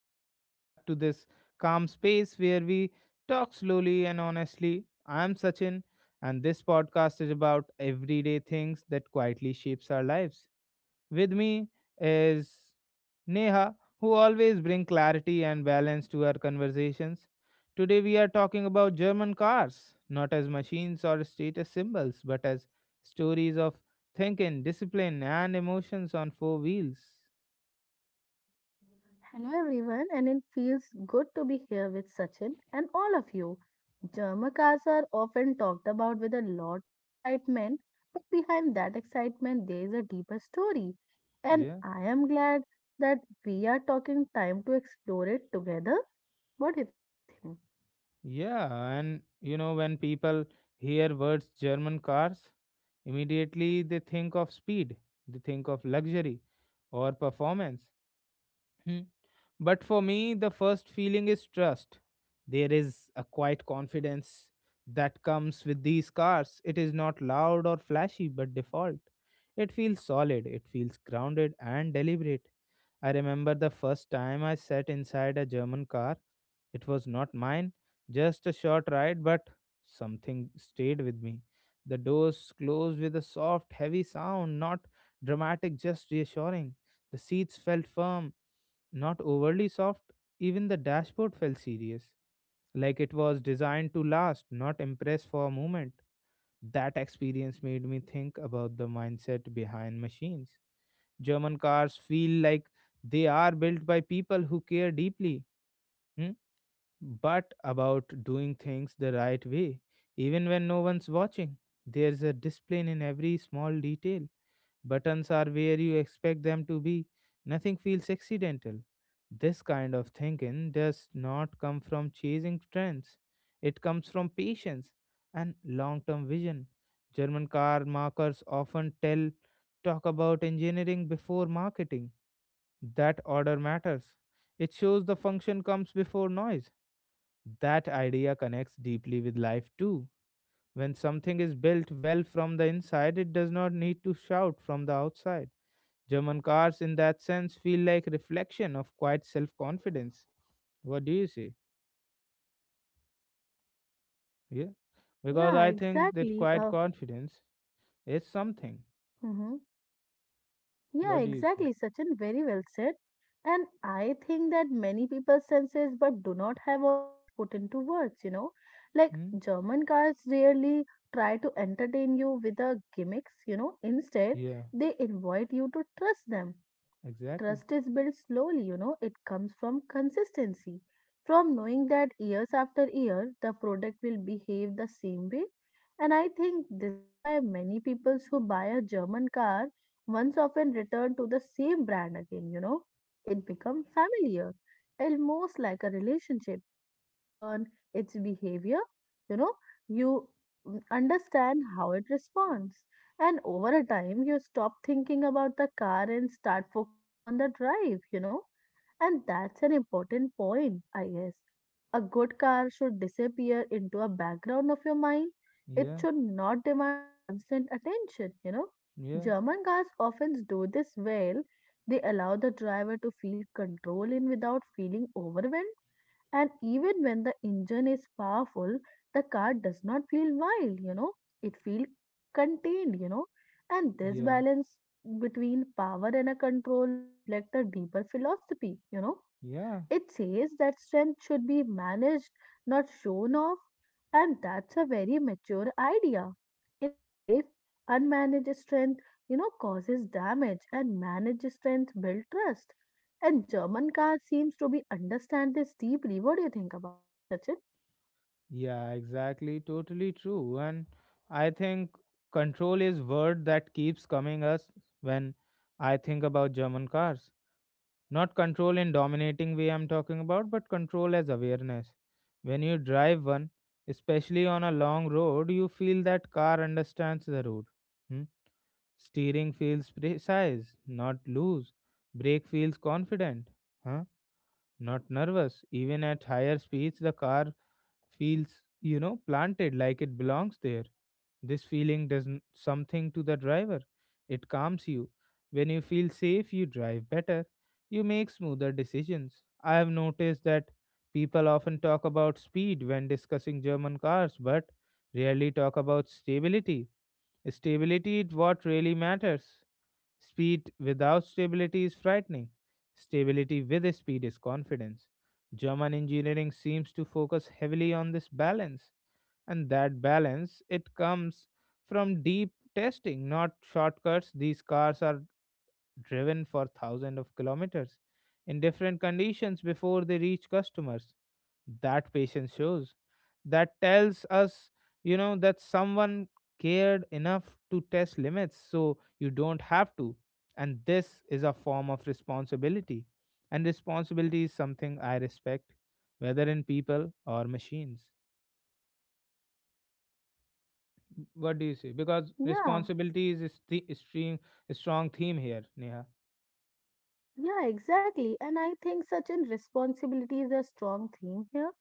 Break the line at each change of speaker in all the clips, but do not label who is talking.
Welcome back to this calm space where we talk slowly and honestly. I'm Sachin, and this podcast is about everyday things that quietly shapes our lives. With me is Neha, who always bring clarity and balance to our conversations. Today, we are talking about German cars, not as machines or status symbols, but as stories of thinking, discipline, and emotions on four wheels.
Hello, everyone, and it feels good to be here with Sachin and all of you. German cars are often talked about with a lot of excitement, but behind that excitement, there is a deeper story. And
Yeah.
I am glad that we are taking time to explore it together. What do you think?
When people hear words German cars, immediately they think of speed, they think of luxury or performance. Hmm. But for me, the first feeling is trust. There is a quiet confidence that comes with these cars. It is not loud or flashy, but default. It feels solid, it feels grounded and deliberate. I remember the first time I sat inside a German car. It was not mine, just a short ride, but something stayed with me. The doors closed with a soft, heavy sound, not dramatic, just reassuring. The seats felt firm not overly soft, even the dashboard felt serious, like it was designed to last, not impress for a moment. That experience made me think about the mindset behind machines. German cars feel like they are built by people who care deeply, hmm, but about doing things the right way, even when no one's watching. There's a discipline in every small detail. Buttons are where you expect them to be. Nothing feels accidental. This kind of thinking does not come from chasing trends, it comes from patience and long term vision. German car makers often tell talk about engineering before marketing. That order matters. It shows the function comes before noise. That idea connects deeply with life too. When something is built well from the inside, it does not need to shout from the outside German cars, in that sense, feel like reflection of quiet self-confidence. What do you say? Yeah, because
Yeah,
I think that
exactly.
quiet confidence is something.
Mhm. Yeah,
What do you say?
exactly, Sachin. Very well said. And I think that many people senses but do not have always put into words. Like
Hmm?
German cars rarely try to entertain you with the gimmicks. Instead,
Yeah,
they invite you to trust them. And
exactly.
trust is built slowly. It comes from consistency, from knowing that years after year the product will behave the same way. And I think this is why many people who buy a German car once often return to the same brand again. It becomes familiar, almost like a relationship. You learn its behavior, you know, you understand how it responds. And over a time, you stop thinking about the car and start focusing on the drive. And that's an important point, I guess. A good car should disappear into a background of your mind. It
Yeah,
should not demand a constant attention.
yeah,
German cars often do this well. They allow the driver to feel control in without feeling overwhelmed. And even when the engine is powerful, the car does not feel wild, it feels contained. And this
yeah,
balance between power and a control reflect a deeper philosophy.
yeah,
It says that strength should be managed, not shown off and that's a very mature idea. In a life, unmanaged strength, causes damage and managed strength builds trust. And German car seems to be understand this deeply. What do you think about that, Sachin?
yeah. Exactly. Totally true. And I think control is word that keeps coming us when I think about German cars. Not control in dominating way I'm talking about, but control as awareness. When you drive one, especially on a long road, you feel that car understands the road. Hmm? Steering feels precise, not loose. Brake feels confident, huh? not nervous. Even at higher speeds, the car feels, planted like it belongs there. This feeling does something to the driver. It calms you. When you feel safe, you drive better. You make smoother decisions. I have noticed that people often talk about speed when discussing German cars, but rarely talk about stability. Stability is what really matters. Speed without stability is frightening. Stability with speed is confidence. German engineering seems to focus heavily on this balance, and that balance it comes from deep testing, not shortcuts. These cars are driven for thousands of kilometers in different conditions before they reach customers that patience shows that tells us that someone cared enough to test limits so you don't have to, and this is a form of responsibility, and responsibility is something I respect, whether in people or machines. What do you say? Because
Yeah.
responsibility is a st- strong strong theme here, Neha.
Yeah, exactly. And I think such an responsibility is a strong theme here.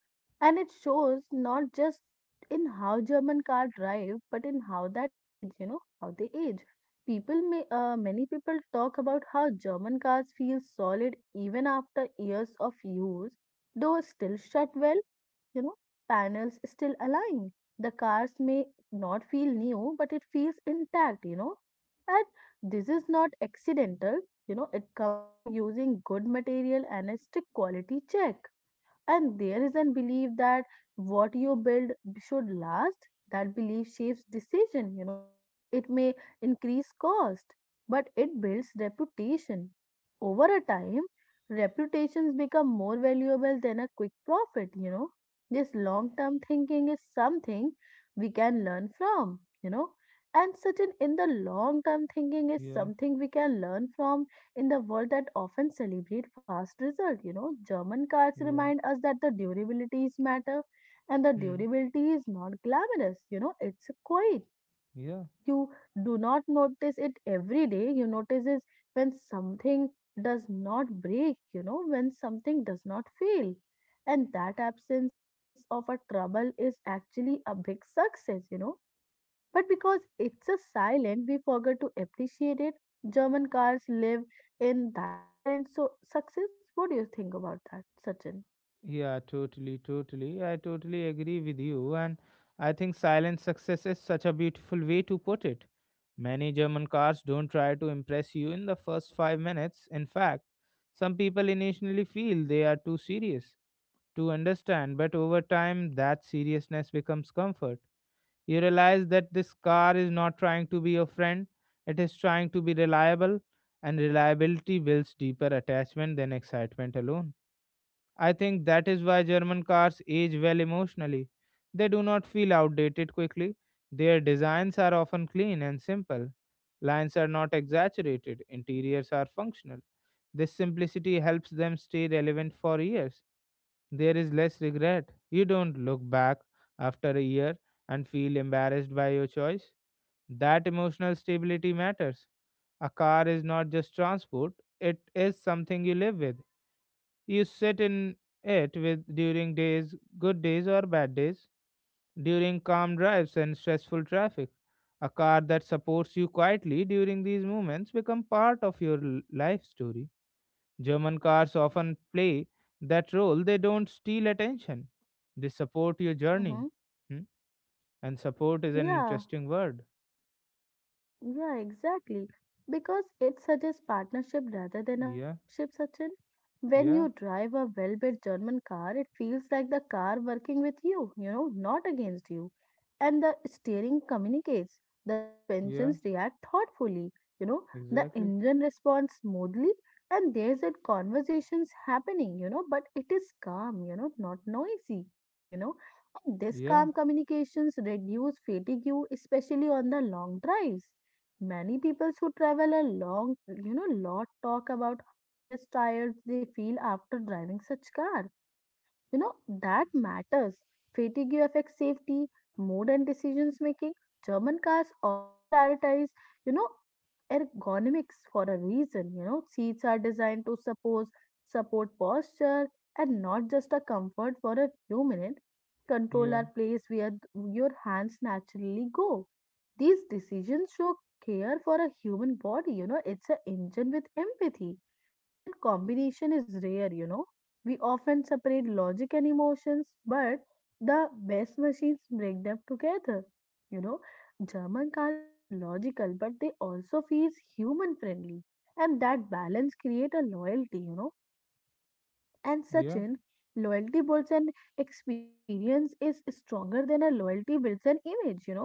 And it shows not just in how German car drive, but in how that age, how they age. Many people talk about how German cars feel solid even after years of use, though still shut well, panels still align. The cars may not feel new, but it feels intact. And this is not accidental, it comes from using good material and a strict quality check. And there is a belief that what you build should last. That belief shapes decision. It may increase cost, but it builds reputation. Over a time, reputations become more valuable than a quick profit. This long term thinking is something we can learn from. And certain in the long term thinking is
Yeah.
something we can learn from in the world that often celebrate fast result. German cards
Yeah.
remind us that the durabilities matter, and the
hmm
durability is not glamorous. It's quiet.
yeah.
You do not notice it every day, you notice it when something does not break, when something does not fail. And that absence of a trouble is actually a big success, but because it's a silent, we forget to appreciate it. German cars live in that silence. So, success, what do you think about that, Sachin?
Yeah, totally, totally. I totally agree with you. And I think silent success is such a beautiful way to put it. Many German cars don't try to impress you in the first 5 minutes. In fact, some people initially feel they are too serious to understand, but over time, that seriousness becomes comfort. You realize that this car is not trying to be your friend, it is trying to be reliable, and reliability builds deeper attachment than excitement alone. I think that is why German cars age well emotionally. They do not feel outdated quickly. Their designs are often clean and simple. Lines are not exaggerated, interiors are functional. This simplicity helps them stay relevant for years. There is less regret. You don't look back after a year and feel embarrassed by your choice. That emotional stability matters. A car is not just transport, it is something you live with. You sit in it with during days, good days or bad days, during calm drives and stressful traffic. A car that supports you quietly during these moments become part of your life story. German cars often play that role. They don't steal attention. They support your journey.
Mm-hmm.
Hmm? And support is an
Yeah.
interesting word.
Yeah, exactly. Because it suggests partnership rather than a
Yeah,
ownership, Sachin. When
yeah,
you drive a well-built German car, it feels like the car working with you, not against you. And the steering communicates. The
yeah,
suspensions react thoughtfully, you know, the
exactly.
engine responds smoothly, and there's a conversations happening, but it is calm, not noisy, you know. And this
Yeah,
calm communications reduce fatigue, especially on the long drives. Many people who travel a long, lot talk about how less tired they feel after driving such car. You know, that matters. Fatigue affects safety, mood, and decisions making. German cars often prioritize, you know, ergonomics for a reason. Seats are designed to support posture and not just a comfort for a few minutes. Control
yeah,
are placed where your hands naturally go. These decisions show care for a human body. It's an engine with empathy, and that combination is rare. We often separate logic and emotions, but the best machines break them together. You know, German car feels logical, but they also feels human friendly, and that balance create a loyalty. And
yeah.
Sachin, loyalty builds an experience is stronger than a loyalty builds an image.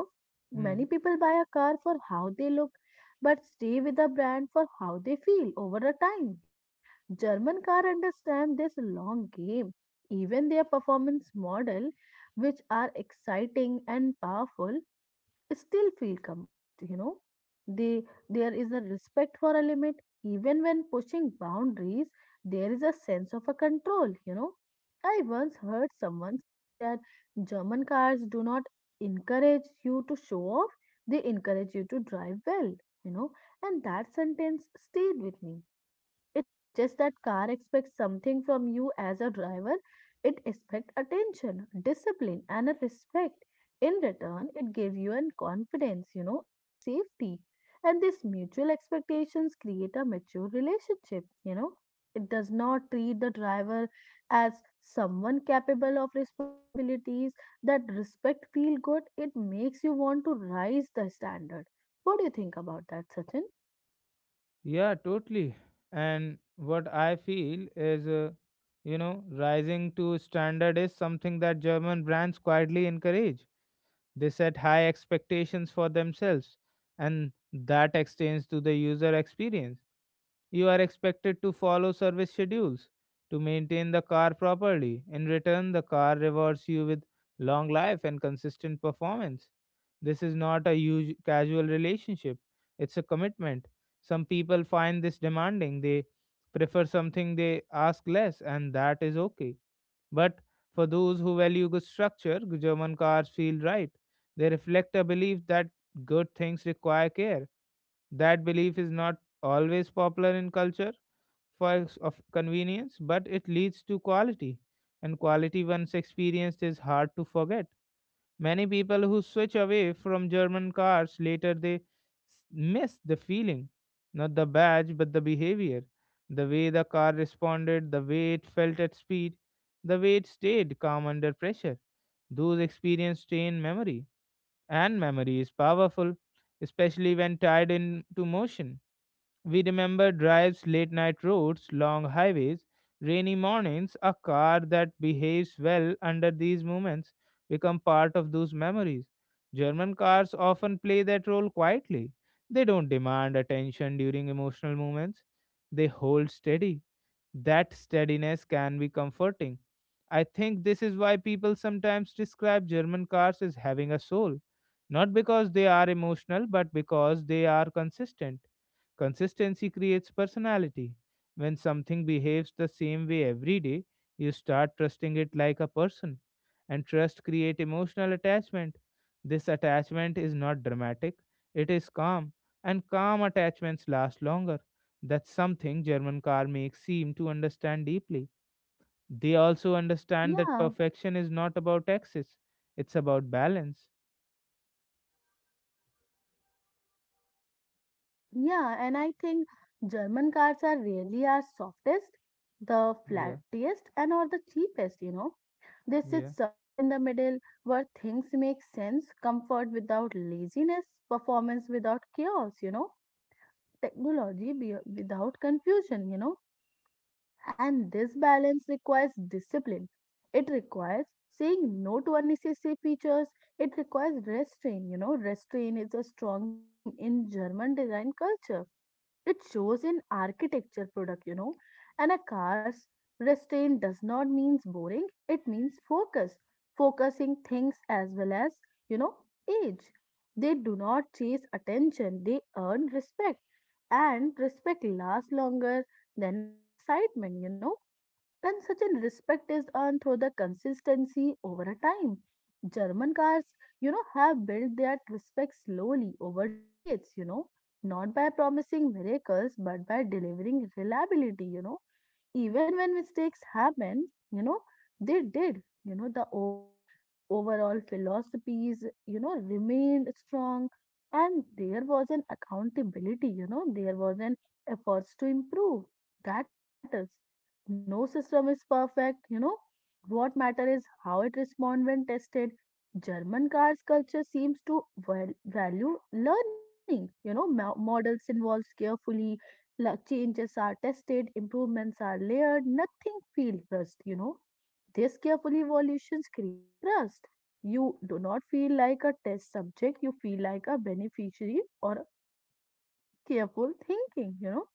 Hmm.
Many people buy a car for how they look, but stay with a brand for how they feel over a time. German car understand this long game. Even their performance model, which are exciting and powerful, still feel composed. They there is a respect for a limit even when pushing boundaries. There is a sense of a control. I once heard someone saying that German cars do not encourage you to show off, they encourage you to drive well you know and that sentence stayed with me. It suggests that car expects something from you as a driver. It expects attention, discipline, and a respect. In return, it gives you an confidence, and a safety. And these mutual expectations create a mature relationship. It does not treat the driver as someone capable of responsibilities. That respect feel good. It makes you want to rise the standard. What do you think about that, Sachin?
Yeah, totally. And what I feel is, you know, rising to standard is something that German brands quietly encourage. They set high expectations for themselves, and that extends to the user experience. You are expected to follow service schedules, to maintain the car properly. In return, the car rewards you with long life and consistent performance. This is not a casual relationship, it's a commitment. Some people find this demanding. They prefer something they ask less, and that is okay. But for those who value good structure, German cars feel right. They reflect a belief that good things require care. That belief is not always popular in culture of convenience, but it leads to quality. And quality, once experienced, is hard to forget. Many people who switch away from German cars later miss the feeling, not the badge but the behavior, the way the car responded, the way it felt at speed, the way it stayed calm under pressure. Those experiences stay in memory, and memory is powerful, especially when tied into motion. We remember drives, late night roads, long highways, rainy mornings. A car that behaves well under these moments become part of those memories. German cars often play that role quietly. They don't demand attention during emotional moments. They hold steady. That steadiness can be comforting. I think this is why people sometimes describe German cars as having a soul. Not because they are emotional, but because they are consistent. Consistency creates personality. When something behaves the same way every day, you start trusting it like a person. And trust creates emotional attachment. This attachment is not dramatic, it is calm, and calm attachments last longer. That's something German car makes seem to understand deeply. They also understand that
Yeah.
perfection is not about excess, it's about balance.
Yeah, and I think German cars are really our softest, the
Yeah,
flattest, and or the cheapest. They sit
yeah,
somewhere in the middle where things make sense, comfort without laziness, performance without chaos, technology without confusion. And this balance requires discipline. It requires saying no to unnecessary features. It requires restraint. Restraint is a strong theme in German design culture, it shows in architecture product. And a car's restraint does not means boring, it means focus. Focusing things as well as, you know, age. They do not chase attention, they earn respect. And respect lasts longer than an excitement. Then such a respect is earned through the consistency over a time. German cars, have built that respect slowly over decades, not by promising miracles, but by delivering reliability, even when mistakes happen. They did you know the over Overall philosophies remained strong, and there was an accountability. There was an efforts to improve. That matters. No system is perfect. What matters is how it responds when tested. German cars culture seems to value learning. Models involves carefully. Changes are tested, improvements are layered, nothing feels rushed. These careful evolutions create trust. You do not feel like a test subject, you feel like a beneficiary or a careful thinking.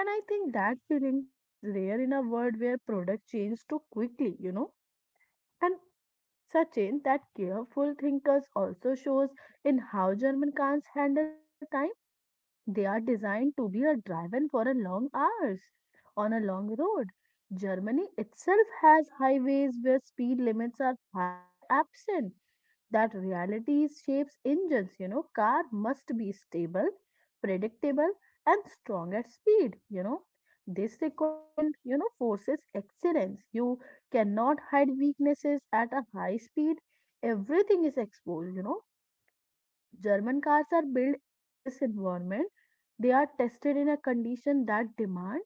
And I think that feeling is rare in a world where product change too quickly. And Sachin, that careful thinkers also shows in how German cans handle time, they are designed to be a driven for a long hours on a long road. Germany itself has highways where speed limits are high or absent. That reality shapes engines. Car must be stable, predictable, and strong at speed. This requirement, forces excellence. You cannot hide weaknesses at a high speed. Everything is exposed. German cars are built in this environment. They are tested in a condition that demand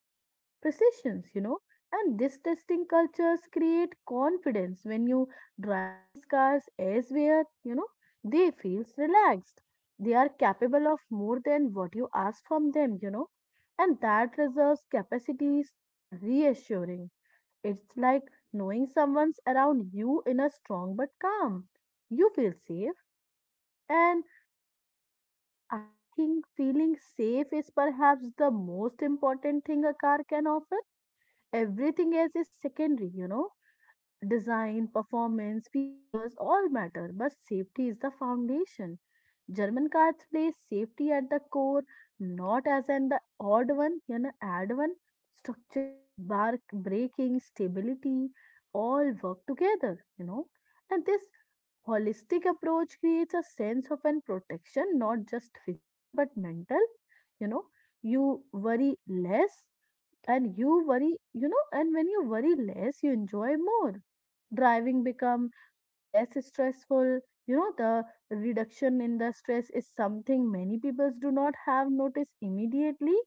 precisions. And this testing cultures create confidence when you drive these cars elsewhere, they feels relaxed. They are capable of more than what you ask from them. And that reserves capacities in a reassuring. It's like knowing someone's around you in a strong but calm. You feel safe and and I think feeling safe is perhaps the most important thing a car can offer. Everything else is secondary. Design, performance, features all matter, but safety is the foundation. German cars place safety at the core, not as an the odd one, add one. Structures, bark, braking, stability, all work together. And this holistic approach creates a sense of an protection, not just physical but mental. you know you worry less, and you worry and when you worry less, you enjoy more. Driving become less stressful. The reduction in the stress is something many people do not have noticed immediately,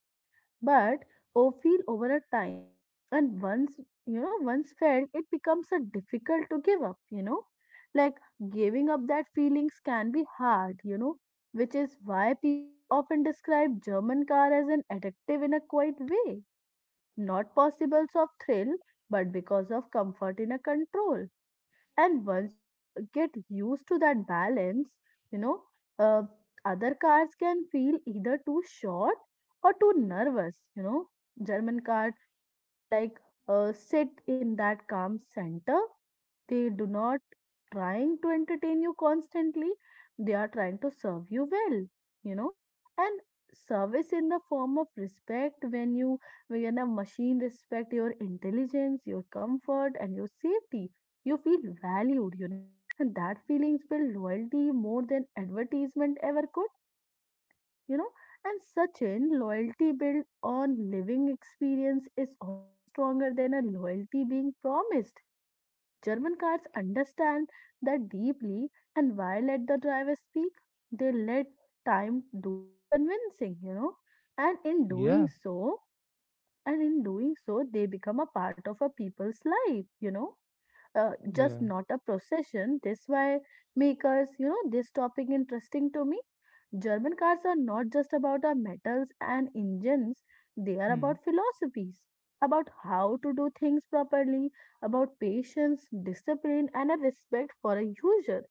but or feel over a time. And once, once felt, it becomes a difficult to give up, like giving up that feelings can be hard, which is why people often describe german car as an addictive in a quiet way, not possible of thrill but because of comfort in a control. And once you get used to that balance, you know uh, other cars can feel either too short or too nervous, german car uh, like sit in that calm center. They do not trying to entertain you constantly. They are trying to serve you well, you know. And service in the form of respect when you when a machine respect your intelligence, your comfort and your safety. You feel valued, you know, and that feelings build loyalty more than advertisement ever could, you know. And such Sachin, loyalty built on living experience is always stronger than a loyalty being promised. German cars understand that deeply, and why let the driver speak? They let time do the convincing, you know. And in doing
yeah,
so, and in doing so, they become a part of a people's life, just
yeah.
not a procession. This why makers, you know, this topic interesting to me. German cars are not just about our metals and engines, they are
Hmm,
about philosophies, about how to do things properly, about patience, discipline, and a respect for a user.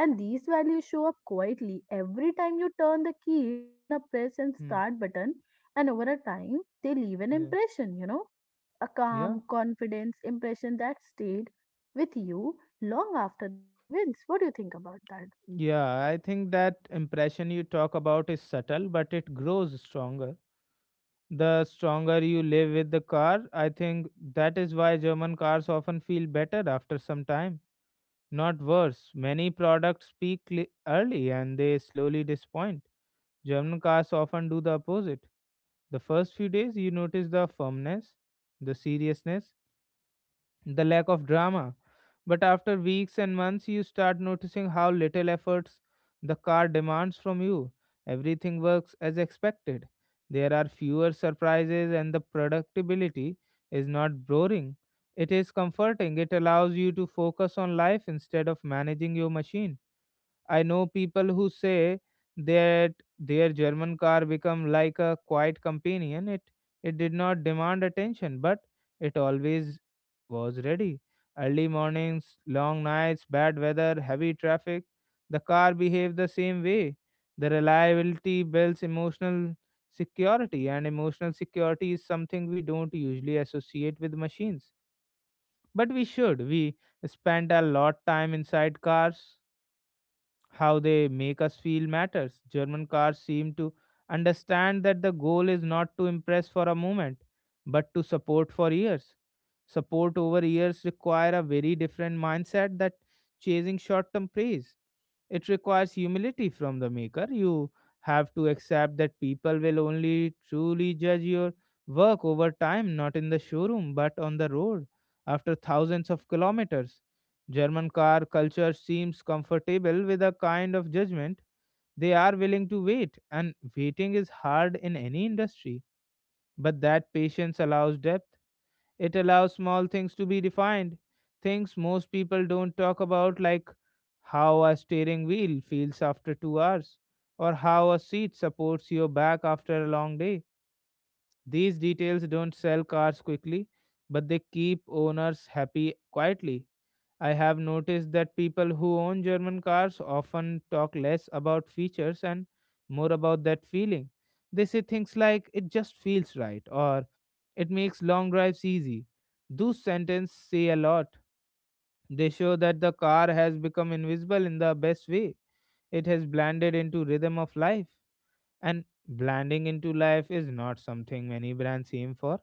And these values show up quietly every time you turn the keys on a press and
hmm,
start button, and over a time, they leave an
yeah.
impression, you know, a
Yeah,
calm, confidence impression that stayed with you long after the drive ends. What do you think about that?
yeah, I think that impression you talk about is subtle, but it grows stronger. The stronger you live with the car, I think that is why German cars often feel better after some time. Not worse, many products peak early and they slowly disappoint. German cars often do the opposite. The first few days, you notice the firmness, the seriousness, the lack of drama. But after weeks and months, you start noticing how little efforts the car demands from you. Everything works as expected. There are fewer surprises, and the productivity is not boring. It is comforting. It allows you to focus on life instead of managing your machine. I know people who say that their German car become like a quiet companion. It did not demand attention, but it always was ready. Early mornings, long nights, bad weather, heavy traffic, the car behaved the same way. The reliability builds emotional security, and emotional security is something we don't usually associate with machines. But we should. We spend a lot time inside cars how they make us feel matters. German cars seem to understand that the goal is not to impress for a moment, but to support for years. Support over years require a very different mindset that chasing short-term praise. It requires humility from the maker. You have to accept that people will only truly judge your work over time, not in the showroom, but on the road after thousands of kilometers. German car culture seems comfortable with a kind of judgment. They are willing to wait, and waiting is hard in any industry. But that patience allows depth. It allows small things to be defined, things most people don't talk about, like how a steering wheel feels after 2 hours, or how a seat supports your back after a long day. These details don't sell cars quickly, but they keep owners happy quietly. I have noticed that people who own German cars often talk less about features and more about that feeling. They say things like, it just feels right, or it makes long drives easy. Those sentences say a lot. They show that the car has become invisible in the best way. It has blended into rhythm of life. And blending into life is not something many brands aim for,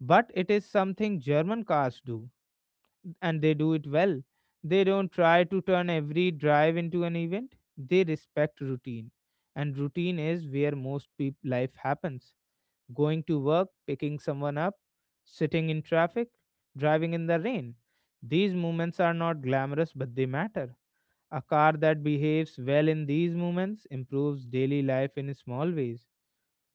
but it is something German cars do and they do it well. They don't try to turn every drive into an event. They respect routine. And routine is where most life happens. Going to work, picking someone up, sitting in traffic, driving in the rain. These moments are not glamorous, but they matter. A car that behaves well in these moments improves daily life in small ways: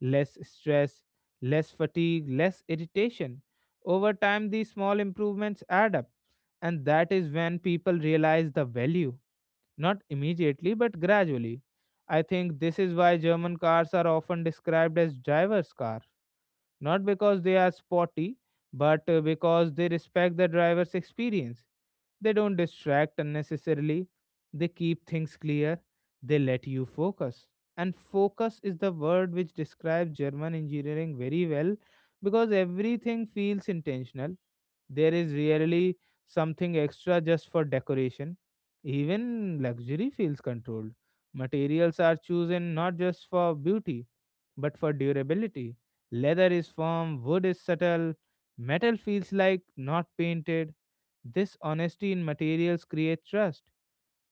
less stress, less fatigue, less irritation. Over time, these small improvements add up, and that is when people realize the value, not immediately but gradually. I think this is why German cars are often described as driver's car, not because they are sporty, but because they respect the driver's experience. They don't distract unnecessarily, they keep things clear, they let you focus. And focus is the word which describes German engineering very well, because everything feels intentional. There is rarely something extra just for decoration. Even luxury feels controlled. Materials are chosen not just for beauty, but for durability. Leather is firm, wood is subtle, metal feels like not painted. This honesty in materials creates trust.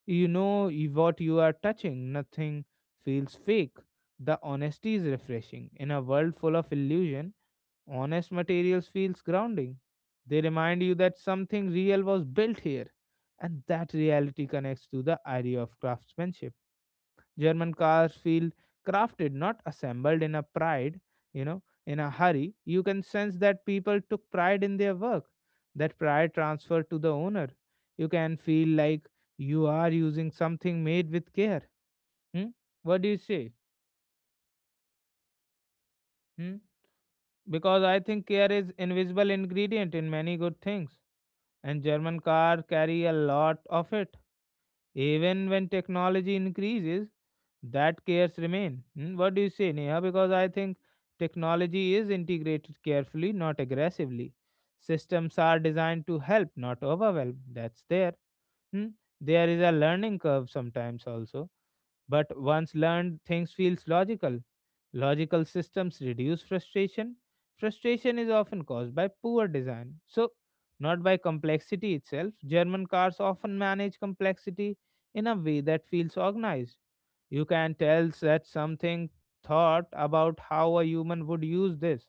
You know what you are touching, nothing feels fake. The honesty is refreshing. In a world full of illusion, honest materials feels grounding. They remind you that something real was built here, and that reality connects to the idea of craftsmanship. German cars feel crafted, not assembled in a pride, you know, in a hurry. You can sense that people took pride in their work, that pride transferred to the owner. You can feel like you are using something made with care. Hmm? What do you say? Hmm? Because I think care is invisible ingredient in many good things, and German car carry a lot of it. Even when technology increases, that cares remain. Hmm, what do you say, Neha? Because I think technology is integrated carefully, not aggressively. Systems are designed to help, not overwhelm. That's there. Hmm, there is a learning curve sometimes also. But once learned, things feels logical. Logical systems reduce frustration. Frustration is often caused by poor design. So, not by complexity itself. German cars often manage complexity in a way that feels organized. You can tell that something thought about how a human would use this.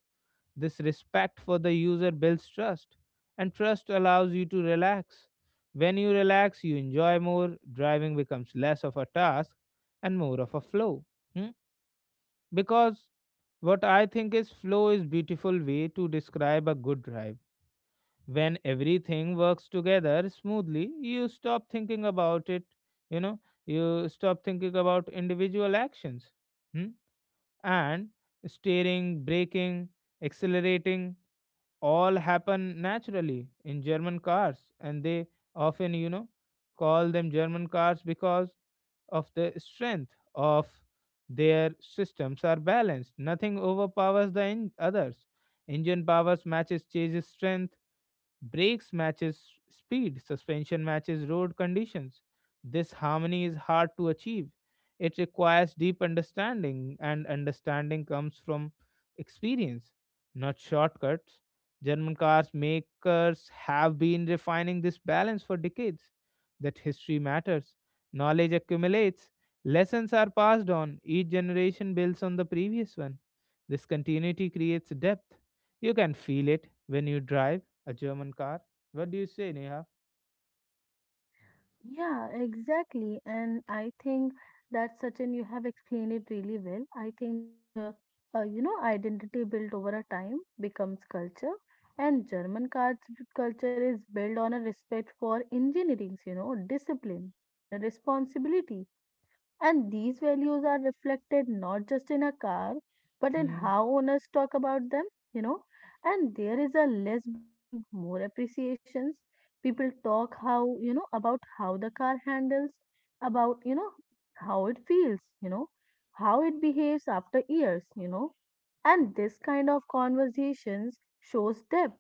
This respect for the user builds trust, and trust allows you to relax. When you relax, you enjoy more. Driving becomes less of a task and more of a flow. Hmm? Because what I think is flow is beautiful way to describe a good drive. When everything works together smoothly, you stop thinking about it, you know, you stop thinking about individual actions. Hmm? And steering, braking, accelerating all happen naturally in German cars, and they often, call them German cars because of the strength of their systems are balanced. Nothing overpowers the others. Engine powers matches chassis strength, brakes matches speed, suspension matches road conditions. This harmony is hard to achieve. It requires deep understanding, and understanding comes from experience, not shortcuts. German cars makers have been refining this balance for decades. That history matters, knowledge accumulates, lessons are passed on, each generation builds on the previous one. This continuity creates depth. You can feel it when you drive a German car. What do you say, Neha?
Yeah, exactly. And I think that, Sachin, you have explained it really well. I think that, you know, identity built over a time becomes culture. And culture is built on a respect for engineering, you know, discipline and a responsibility. And these values are reflected not just in a car, but in
Hmm.
how owners talk about them, you know. And there is a less bragging, more appreciations. People talk how, you know, about how the car handles, about, you know, how it feels, you know, how it behaves after years, you know. And this kind of conversations shows depth.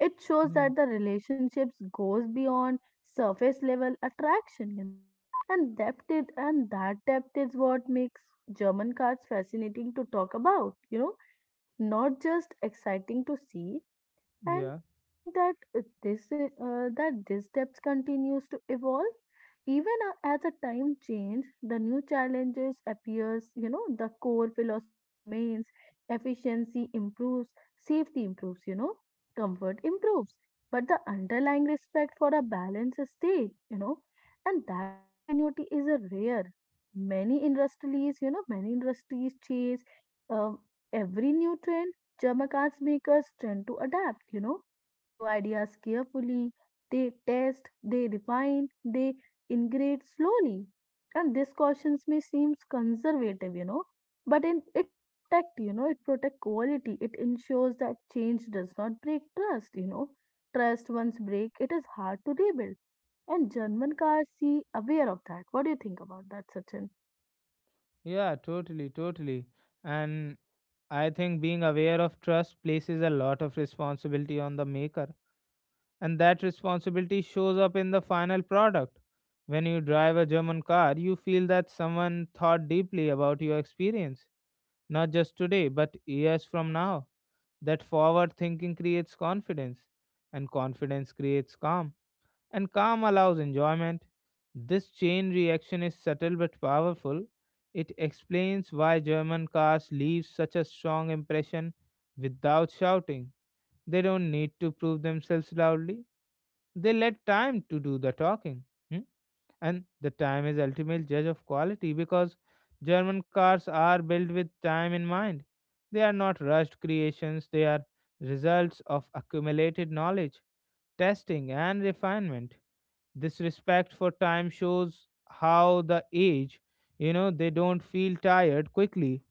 It shows
Hmm.
that the relationships goes beyond surface level attraction, you know. And that depth is what makes German cards fascinating to talk about, you know, not just exciting to see. And
Yeah.
I think that this that this depth continues to evolve. Even as a time change, the new challenges appears, you know, the core philosophy remains, efficiency improves, safety improves, you know, comfort improves. But the underlying respect for a balance is stayed, you know, and that continuity is a rare. Many industries chase uh, every nutrient Jamaicans make us tend to adapt, you know, new ideas carefully. They test, they refine, they integrate slowly. And these cautions may seem conservative, you know, but in, it protect, it protect quality. It ensures that change does not break trust, you know. Trust once break, it is hard to rebuild. And German cars see aware of that. What do you think about that, Sachin?
Yeah. Totally. Totally. And I think being aware of trust places a lot of responsibility on the maker, and that responsibility shows up in the final product. When you drive a German car, you feel that someone thought deeply about your experience, not just today, but years from now. That forward thinking creates confidence, and confidence creates calm, and calm allows enjoyment. This chain reaction is subtle but powerful. It explains why German cars leave such a strong impression without shouting. They don't need to prove themselves loudly. They let time to do the talking. Hmm? And the time is ultimate judge of quality, because German cars are built with time in mind. They are not rushed creations, they are results of accumulated knowledge, testing, and refinement. This respect for time shows how the age, you know, they don't feel tired quickly,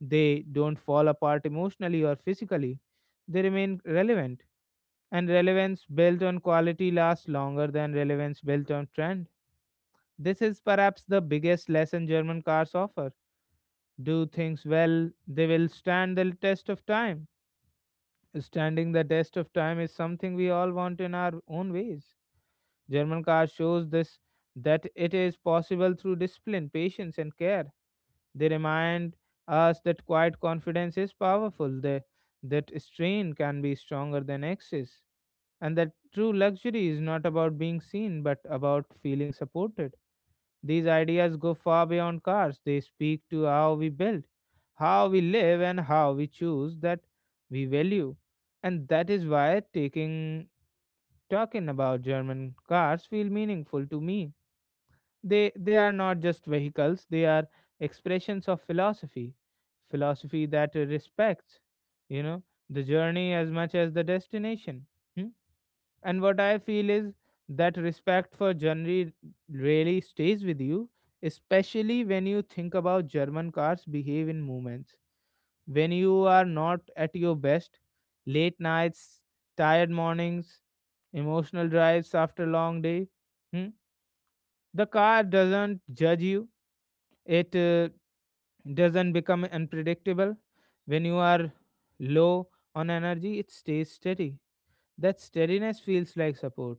they don't fall apart emotionally or physically, they remain relevant. And relevance built on quality lasts longer than relevance built on trend. This is perhaps the biggest lesson German cars offer. Do things well, they will stand the test of time. Standing the test of time is something we all want in our own ways. German car shows this, that it is possible through discipline, patience, and care. They remind us that quiet confidence is powerful. They that strain can be stronger than excess, and that true luxury is not about being seen but about feeling supported. These ideas go far beyond cars. They speak to how we build, how we live, and how we choose that we value. And that is why taking talking about German cars feel meaningful to me. They are not just vehicles, they are expressions of philosophy. Philosophy that respects, you know, the journey as much as the destination. Hmm? And what I feel is that respect for journey really stays with you, especially when you think about German cars behave in movements. When you are not at your best, late nights, tired mornings, emotional drives after a long day, hmm, the car doesn't judge you. It doesn't become unpredictable. When you are low on energy, it stays steady. That steadiness feels like support.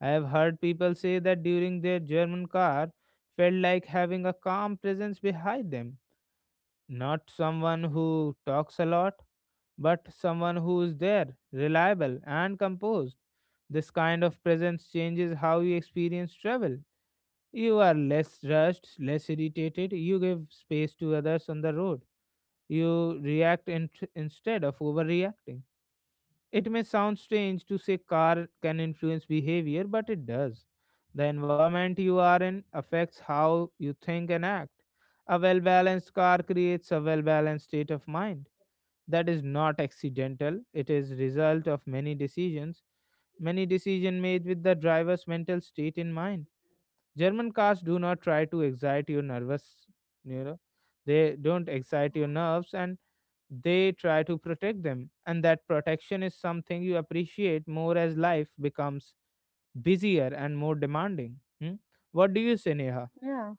I have heard people say that during their German car felt like having a calm presence behind them, not someone who talks a lot, but someone who is there, reliable, and composed. This kind of presence changes how you experience travel. You are less rushed, less irritated, you give space to others on the road. You react instead of overreacting. It may sound strange to say car can influence behavior, but it does. The environment you are in affects how you think and act. A well balanced car creates a well balanced state of mind. That is not accidental, it is result of many decisions made with the driver's mental state in mind. German cars do not try to excite your nervous, you know, they don't excite your nerves, and they try to protect them, and that protection is something you appreciate more as life becomes busier and more demanding. Hmm? What do you say, Neha?
Yeah.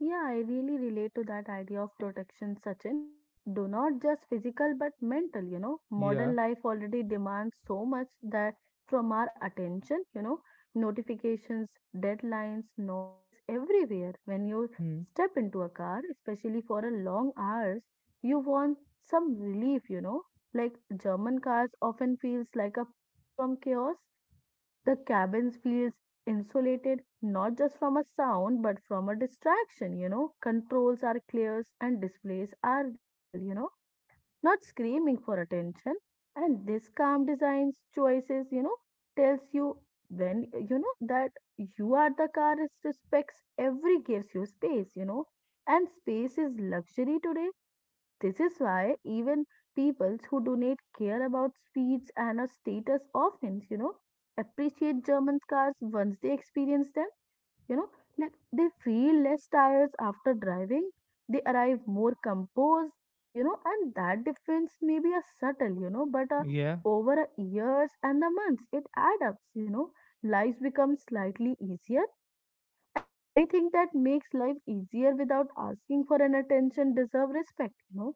Yeah, I really relate to that idea of protection, Sachin. Do not just physical but mental, you know.
Yeah.
Modern life already demands so much that from our attention, you know, notifications, deadlines, noise everywhere. When you
Hmm.
step into a car, especially for a long hours, you want some relief, you know. Like German cars often feels like a pause from chaos. The cabins feels insulated, not just from a sound but from a distraction, you know. Controls are clear and displays are readable, you know, not screaming for attention. And this calm designs choices, you know, tells you when you know that you are the car is respects every gives you space, you know. And space is luxury today. This is why even people who do not care about speeds and a status often, you know, appreciate German cars once they experience them. You know, like they feel less tired after driving, they arrive more composed, you know, and that difference may be a subtle, you know, but
Yeah,
over a years and the months, it adds up, you know. Lives become slightly easier, and anything that makes life easier without asking for an attention deserve respect, you know.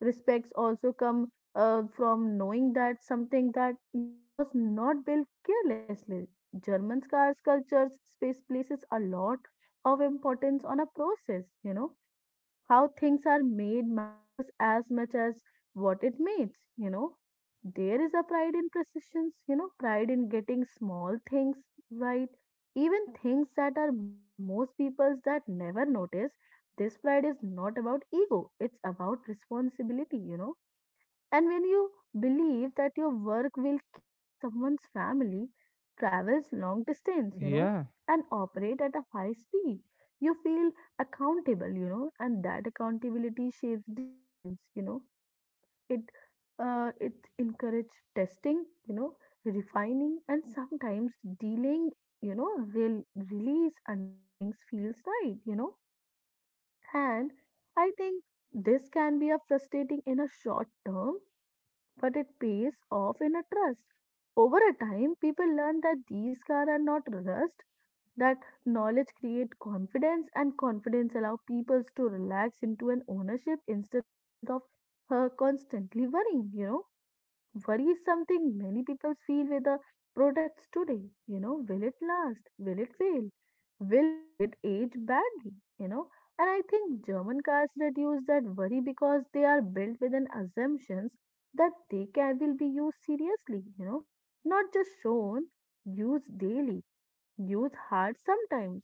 Respects also come from knowing that something that you know was not built carelessly. German scars cultures space places a lot of importance on a process, you know. How things are made matters as much as what it makes, you know. There is a pride in precisions, you know, pride in getting small things right, even things that are most people's that never notice. This pride is not about ego, it's about responsibility, you know. And when you believe that your work will carry someone's family, travels long distance, you know,
yeah,
and operate at a high speed, you feel accountable, you know, and that accountability shapes decisions, you know. It it encourages testing, you know, refining, and sometimes dealing, you know, real release until things feels right, you know. And I think this can be a frustrating in a short term, but it pays off in a trust. Over a time, people learn that these cars are not rust, that knowledge creates confidence, and confidence allows people to relax into an ownership instead of constantly worrying, you know. Worry is something many people feel with the products today. You know, will it last? Will it fail? Will it age badly? You know, and I think German cars reduce that worry because they are built with an assumptions that they can will be used seriously. You know, not just shown, used daily, use hard sometimes,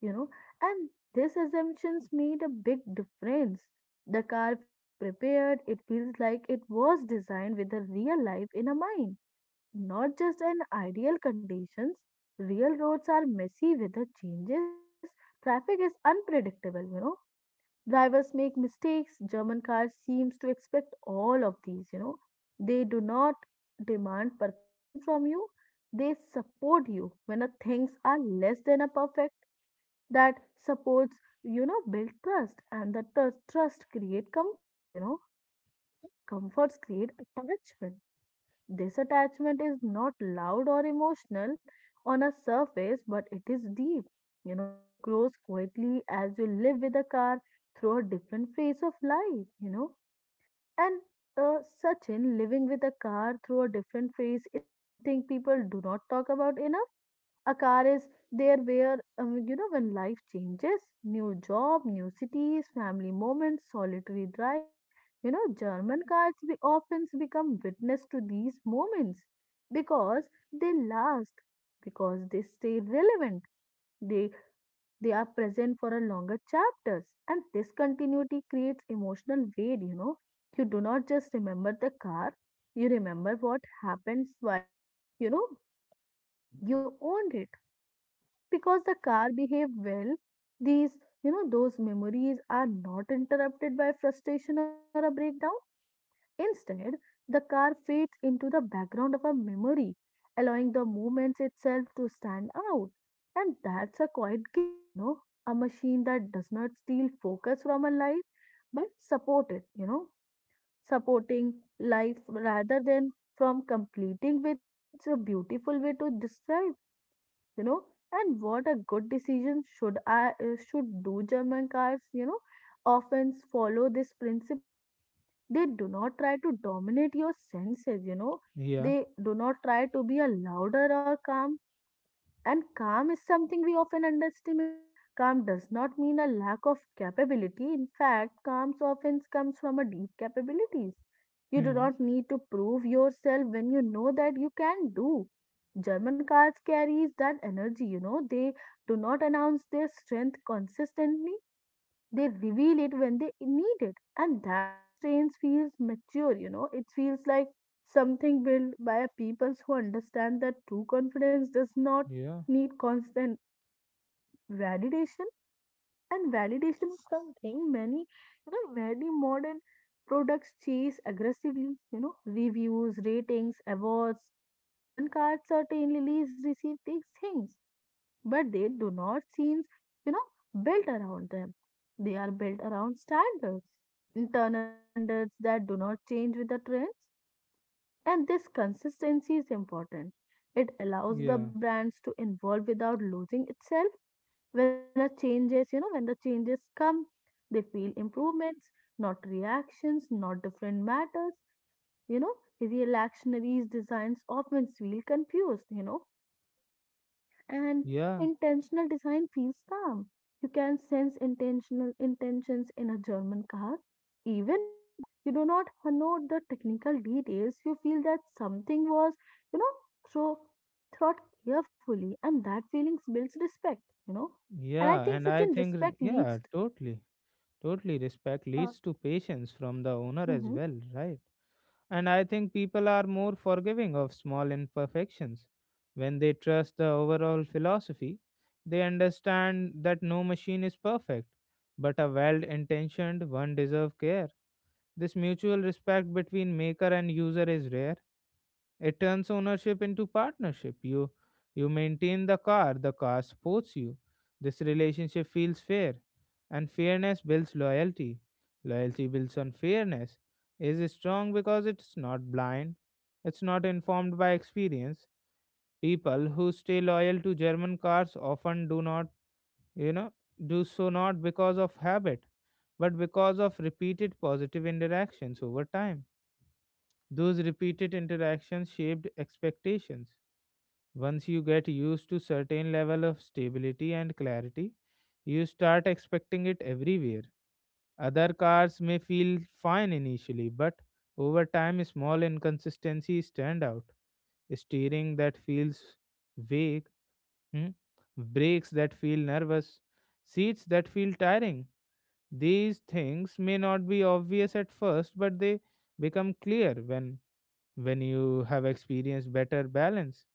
you know, and these assumptions made a big difference. The car feels prepared, it feels like it was designed with a real life in a mind, not just in ideal conditions. Real roads are messy, weather changes, traffic is unpredictable, you know, drivers make mistakes. German cars seems to expect all of these, you know. They do not demand perfection from you. They support you when a things are less than a perfect. That supports, you know, build trust and the trust create comfort, you know. Comforts create attachment. This attachment is not loud or emotional on a surface, but it is deep. You know, it grows quietly as you live with a car through a different phase of life, you know. And Sachin, living with a car through a different phase is something people do not talk about enough. A car is there where, you know, when life changes, new job, new cities, family moments, solitary drives, you know, German cars we often become witness to these moments because they last, because they stay relevant, they they are present for a longer chapters, and this continuity creates emotional weight. You know, you do not just remember the car, you remember what happens while you know you owned it because the car behaved well. These, you know, those memories are not interrupted by frustration or a breakdown. Instead, the car fades into the background of a memory, allowing the moments itself to stand out. And that's a quite gift, you know, a machine that does not steal focus from a life but support it, you know. Supporting life rather than from completing with, it's a beautiful way to describe, you know. And what a good decision should do german cars, you know, often follow this principle. They do not try to dominate your senses, you know,
yeah.
they do not try to be a louder or calm. And calm is something we often underestimate. Calm does not mean a lack of capability. In fact, calm often comes from a deep capabilities. You do
Hmm.
not need to prove yourself when you know that you can do. German cars carries that energy, you know. They do not announce their strength consistently. They reveal it when they need it. And that restraint feels mature, you know. It feels like something built by a peoples who understand that true confidence does not
Yeah,
need constant validation. And validation is something many, you know, many modern products chase aggressively, you know, reviews, ratings, awards. German cars certainly leaves receive these things, but they do not seem, you know, built around them. They are built around standards, internal standards that do not change with the trends. And this consistency is important. It allows the
yeah,
brands to evolve without losing itself. When a changes, you know, when the changes come, they feel improvements, not reactions, not different matters. You know, reactionaries designs often feel confused, you know, and
yeah.
intentional design feels calm. You can sense intentional intentions in a German car. Even when you do not note the technical details, you feel that something was, you know, throw, thought carefully, and that feelings builds respect, you know. And I
Yeah,
think
and
such
I
an
think,
respect
yeah,
leads to,
totally, totally, respect
uh,
leads to patience from the owner as
mm-hmm,
well, right? And I think people are more forgiving of small imperfections. When they trust the overall philosophy, they understand that no machine is perfect, but a well intentioned one deserves care. This mutual respect between maker and user is rare. It turns ownership into partnership. You maintain the car supports you. This relationship feels fair, and fairness builds loyalty. Loyalty builds on fairness. Is strong because it's not blind. It's not informed by experience. People who stay loyal to German cars often do not, you know, do so not because of habit, but because of repeated positive interactions over time. Those repeated interactions shaped expectations. Once you get used to certain level of stability and clarity, you start expecting it everywhere. Other cars may feel fine initially, but over time small inconsistencies stand out. Steering that feels vague, hmm, brakes that feel nervous, seats that feel tiring. These things may not be obvious at first, but they become clear when you have experienced better balance.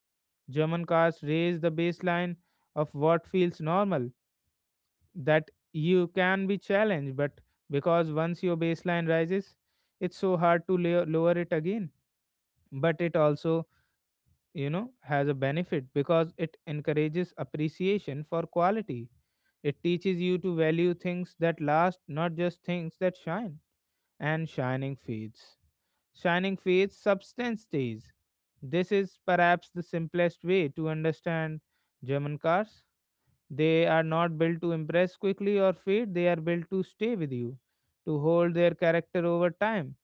German cars raise the baseline of what feels normal, that you can be challenged, but because once your baseline rises, it's so hard to lower it again. But it also, you know, has a benefit because it encourages appreciation for quality. It teaches you to value things that last, not just things that shine. And shining fades. Shining fades, substance stays. This is perhaps the simplest way to understand German cars. They are not built to impress quickly or fade, they are built to stay with you, to hold their character over time.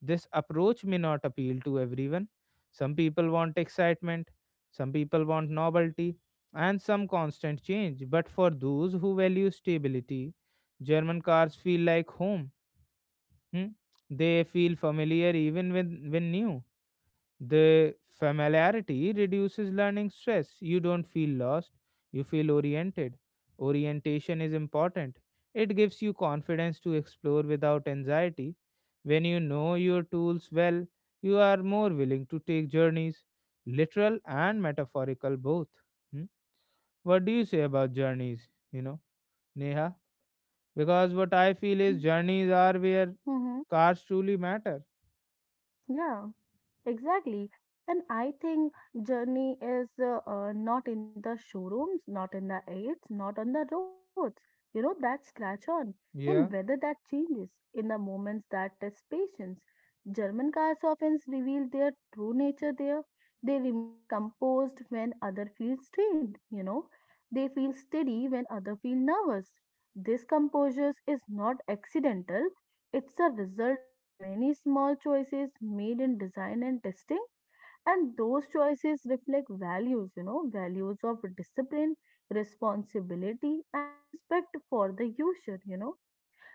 This approach may not appeal to everyone. Some people want excitement, some people want novelty, and some constant change. But for those who value stability, German cars feel like home. Hmm? They feel familiar even when new, the familiarity reduces learning stress. You don't feel lost, you feel oriented. Orientation is important. It gives you confidence to explore without anxiety. When you know your tools well, you are more willing to take journeys, literal and metaphorical both. Hmm? What do you say about journeys, you know, Neha? Because what I feel is journeys are where
mm-hmm,
cars truly matter.
yeah. Exactly. And I think journey is not in the showrooms, not in the aids, not on the roads. You know, that scratch on, in
Yeah,
weather that changes, in the moments that test patience. German cars often reveal their true nature there. They remains composed when other feel strained, you know. They feel steady when other feel nervous. This composure is not accidental. It's a result of many small choices made in design and testing, and those choices reflect values, you know, values of discipline, responsibility, and a respect for the user, you know.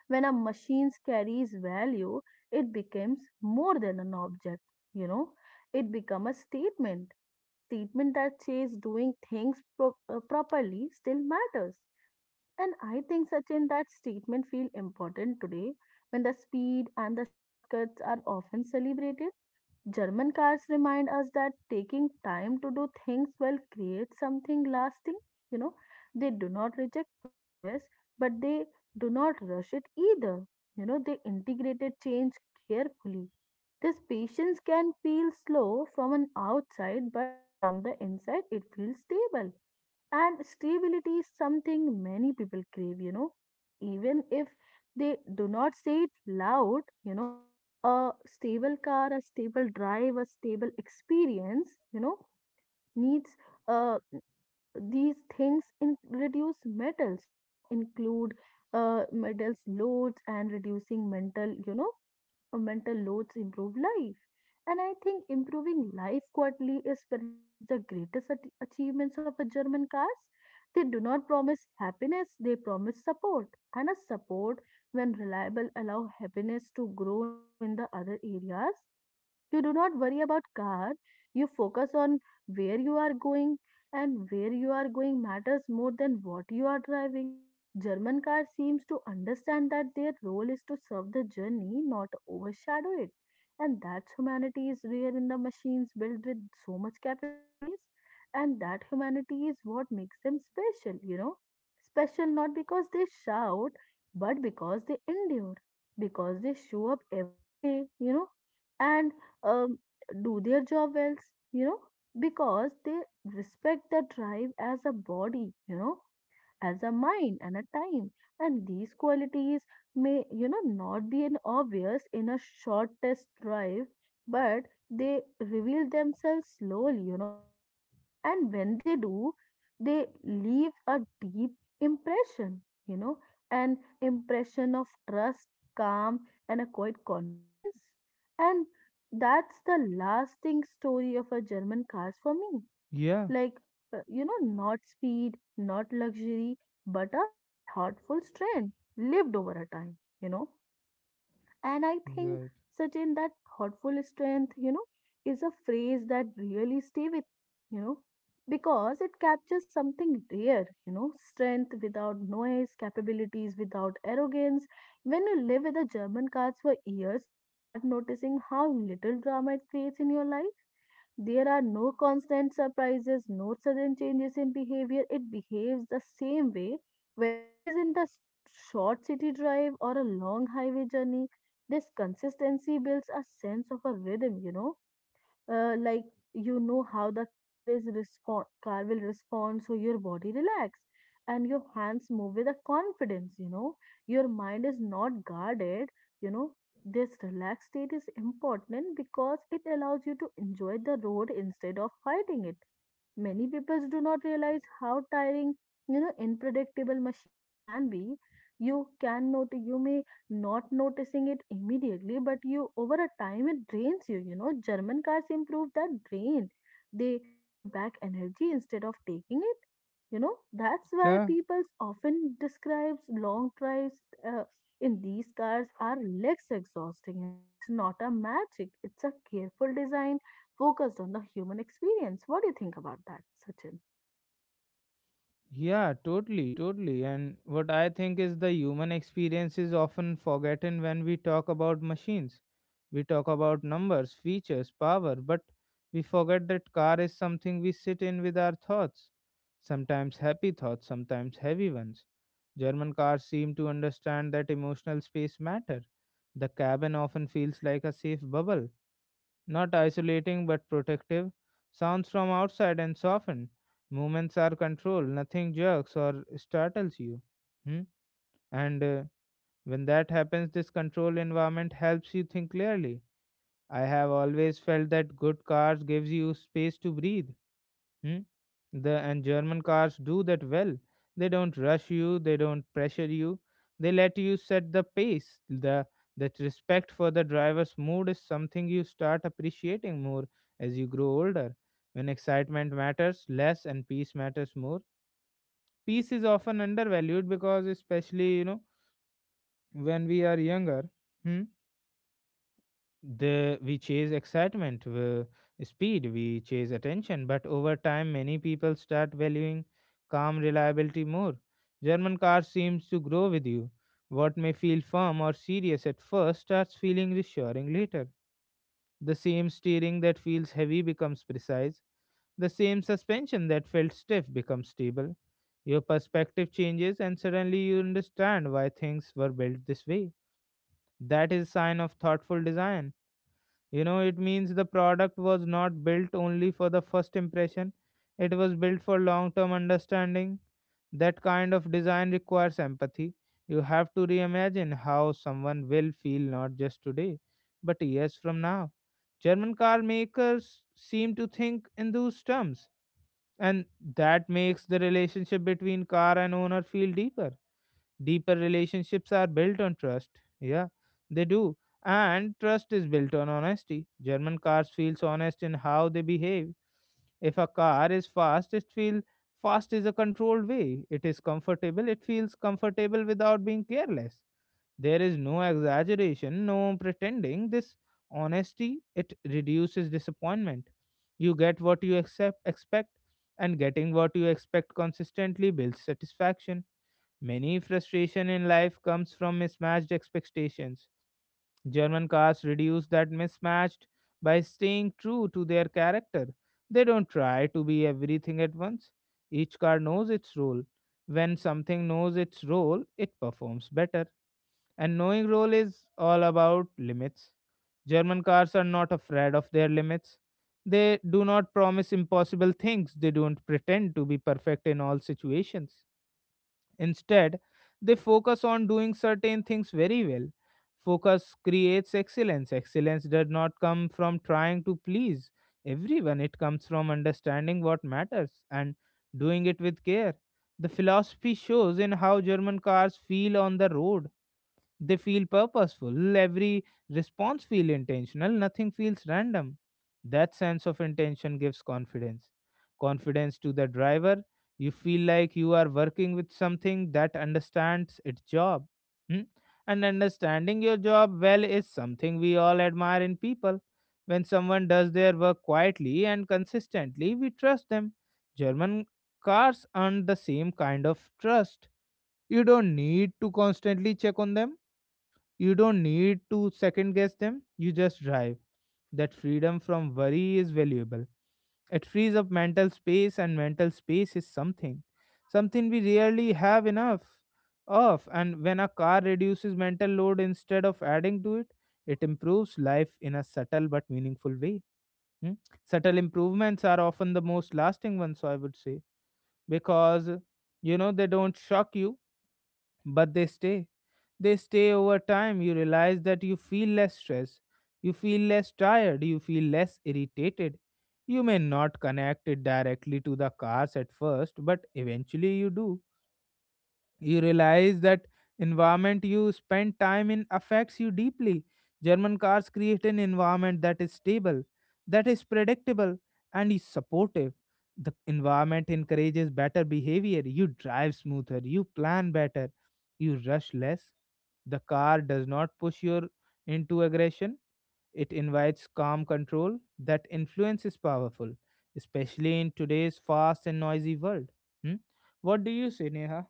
When a machine carries value, it becomes more than an object, you know. It becomes a statement, and a statement that says doing things properly still matters, and I think, Sachin, that statement feel important today when the speed and the shortcuts are often celebrated. German cars remind us that taking time to do things will create something lasting. You know, they do not reject progress, but they do not rush it either. You know, they integrated change carefully. This patience can feel slow from an outside, but from the inside, it feels stable, and stability is something many people crave, you know, even if they do not say it loud, you know, a stable car, a stable drive, a stable experience, you know, needs uh, these things in reduce metals, you know, include metals loads and reducing mental, you know, mental loads improve life. And I think improving life quietly is perhaps the greatest achievements of a German cars. They do not promise happiness, they promise support. And a support, when reliable, allow happiness to grow in the other areas. You do not worry about car. You focus on where you are going, and where you are going matters more than what you are driving. German car seems to understand that their role is to serve the journey, not overshadow it. And that humanity is rare in the machines built with so much capabilities. And that humanity is what makes them special, you know. Special not because they shout, but because they endure, because they show up every day, you know, and um, do their job well, you know, because they respect the tribe as a body, you know, as a mind and a time. And these qualities may, you know, not be an obvious in a short test drive, but they reveal themselves slowly, you know, and when they do, they leave a deep impression, you know, an impression of trust, calm, and a quiet confidence, and that's the lasting story of a German cars for me,
yeah,
like, you know, not speed, not luxury, but a thoughtful strength lived over a time, you know. And I think, Sachin, that thoughtful strength, you know, is a phrase that really stay with me, you know, because it captures something rare, you know, strength without noise, capabilities without arrogance. When you live with the German cards for years, you start noticing how little drama it creates in your life. There are no constant surprises, no sudden changes in behavior. It behaves the same way, whether it is in the short city drive or a long highway journey. This consistency builds a sense of a rhythm, you know, like, you know, how the car will respond, so your body relax and your hands move with a confidence, you know, your mind is not guarded, you know. This relaxed state is important because it allows you to enjoy the road instead of fighting it. Many people do not realize how tiring, you know, unpredictable machines can be. You may not noticing it immediately, but you over a time it drains you. You know, German cars improve that drain. They give back energy instead of taking it. You know, that's why
right.
people often describes long drives uh, in these cars are less exhausting. You know, it's not a magic; it's a careful design focused on the human experience. What do you think about that, Sachin?
Yeah, totally, totally. And what I think is the human experience is often forgotten when we talk about machines. We talk about numbers, features, power, but we forget that car is something we sit in with our thoughts. Sometimes happy thoughts, sometimes heavy ones. German cars seem to understand that emotional space matter. The cabin often feels like a safe bubble, not isolating but protective. Sounds from outside and soften. Movements are controlled, nothing jerks or startles you. Hmm? And When that happens, this control environment helps you think clearly. I have always felt that good cars gives you space to breathe. Hmm? The and German cars do that well. They don't rush you, they don't pressure you. They let you set the pace. The That respect for the driver's mood is something you start appreciating more as you grow older. When excitement matters less and peace matters more. Peace is often undervalued because especially, when we are younger. Hmm. the We chase excitement speed, we chase attention, but over time many people start valuing calm reliability more. German car seems to grow with you. What may feel firm or serious at first starts feeling reassuring later. The same steering that feels heavy becomes precise, the same suspension that felt stiff becomes stable. Your perspective changes and suddenly you understand why things were built this way. That is a sign of thoughtful design. You know, it means the product was not built only for the first impression, it was built for long term understanding. That kind of design requires empathy. You have to reimagine how someone will feel not just today, but years from now. German car makers seem to think in those terms, and that makes the relationship between car and owner feel deeper. Deeper relationships are built on trust. Yeah, they do. And trust is built on honesty. German cars feels honest in how they behave. If a car is fast, it feels fast is a controlled way. It is comfortable. It feels comfortable without being careless. There is no exaggeration, no pretending. This honesty it reduces disappointment. You get what you accept, expect, and getting what you expect consistently builds satisfaction. Many frustration in life comes from mismatched expectations. German cars reduce that mismatched by staying true to their character. They don't try to be everything at once. Each car knows its role. When something knows its role, it performs better. And knowing role is all about limits. German cars are not afraid of their limits. They do not promise impossible things. They don't pretend to be perfect in all situations. Instead, they focus on doing certain things very well. Focus creates excellence. Excellence does not come from trying to please everyone, it comes from understanding what matters and doing it with care. The philosophy shows in how German cars feel on the road. They feel purposeful. Every response feels intentional. Nothing feels random. That sense of intention gives confidence. Confidence to the driver. You feel like you are working with something that understands its job. Hmm? And understanding your job well is something we all admire in people. When someone does their work quietly and consistently, we trust them. German cars earn the same kind of trust. You don't need to constantly check on them, you don't need to second guess them, you just drive. That freedom from worry is valuable. It frees up mental space, and mental space is something. Something we rarely have enough of. And when a car reduces mental load instead of adding to it, it improves life in a subtle but meaningful way. Hmm? Subtle improvements are often the most lasting ones, so I would say, because you know they don't shock you but they stay. They stay over time. You realize that you feel less stressed, you feel less tired, you feel less irritated. You may not connect it directly to the cars at first, but eventually you do. You realize that environment you spend time in affects you deeply. German cars create an environment that is stable, that is predictable, and is supportive. The environment encourages better behavior, you drive smoother, you plan better, you rush less. The car does not push you into aggression, it invites calm control. That influence is powerful, especially in today's fast and noisy world. Hmm? What do you say, Neha?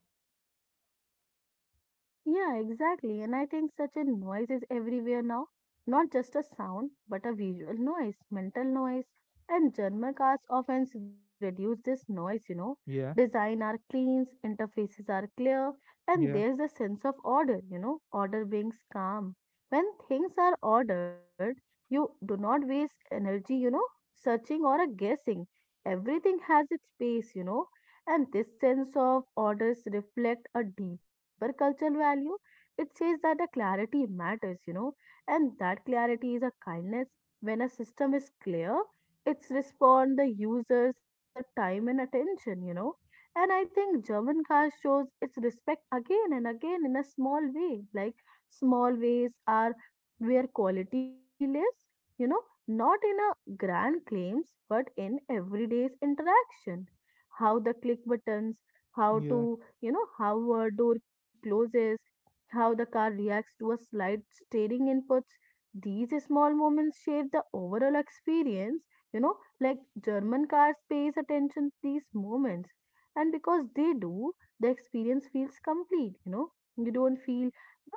Yeah, exactly. And I think such a noise is everywhere now. Not just a sound, but a visual noise, mental noise. And German cars often reduce this noise, you know.
Yeah.
Design are clean, interfaces are clear, and
Yeah,
there's a sense of order, you know. Order brings calm. When things are ordered, you do not waste energy, you know, searching or a guessing. Everything has its space, you know. And this sense of orders reflect a deeper cultural value. It says that the clarity matters, you know, and that clarity is a kindness. When a system is clear, it's respond the users as a time and attention, you know. And I think German car shows its respect again and again in a small way, like small ways are where qualities truly lives, you know, not in a grand claims, but in everyday's interaction, how the click buttons, how
yeah,
to, you know, how a door closes, how the car reacts to a slight steering inputs. These small moments shape the overall experience. You know, like, German cars pays attention to these moments, and because they do, the experience feels complete. You know, you don't feel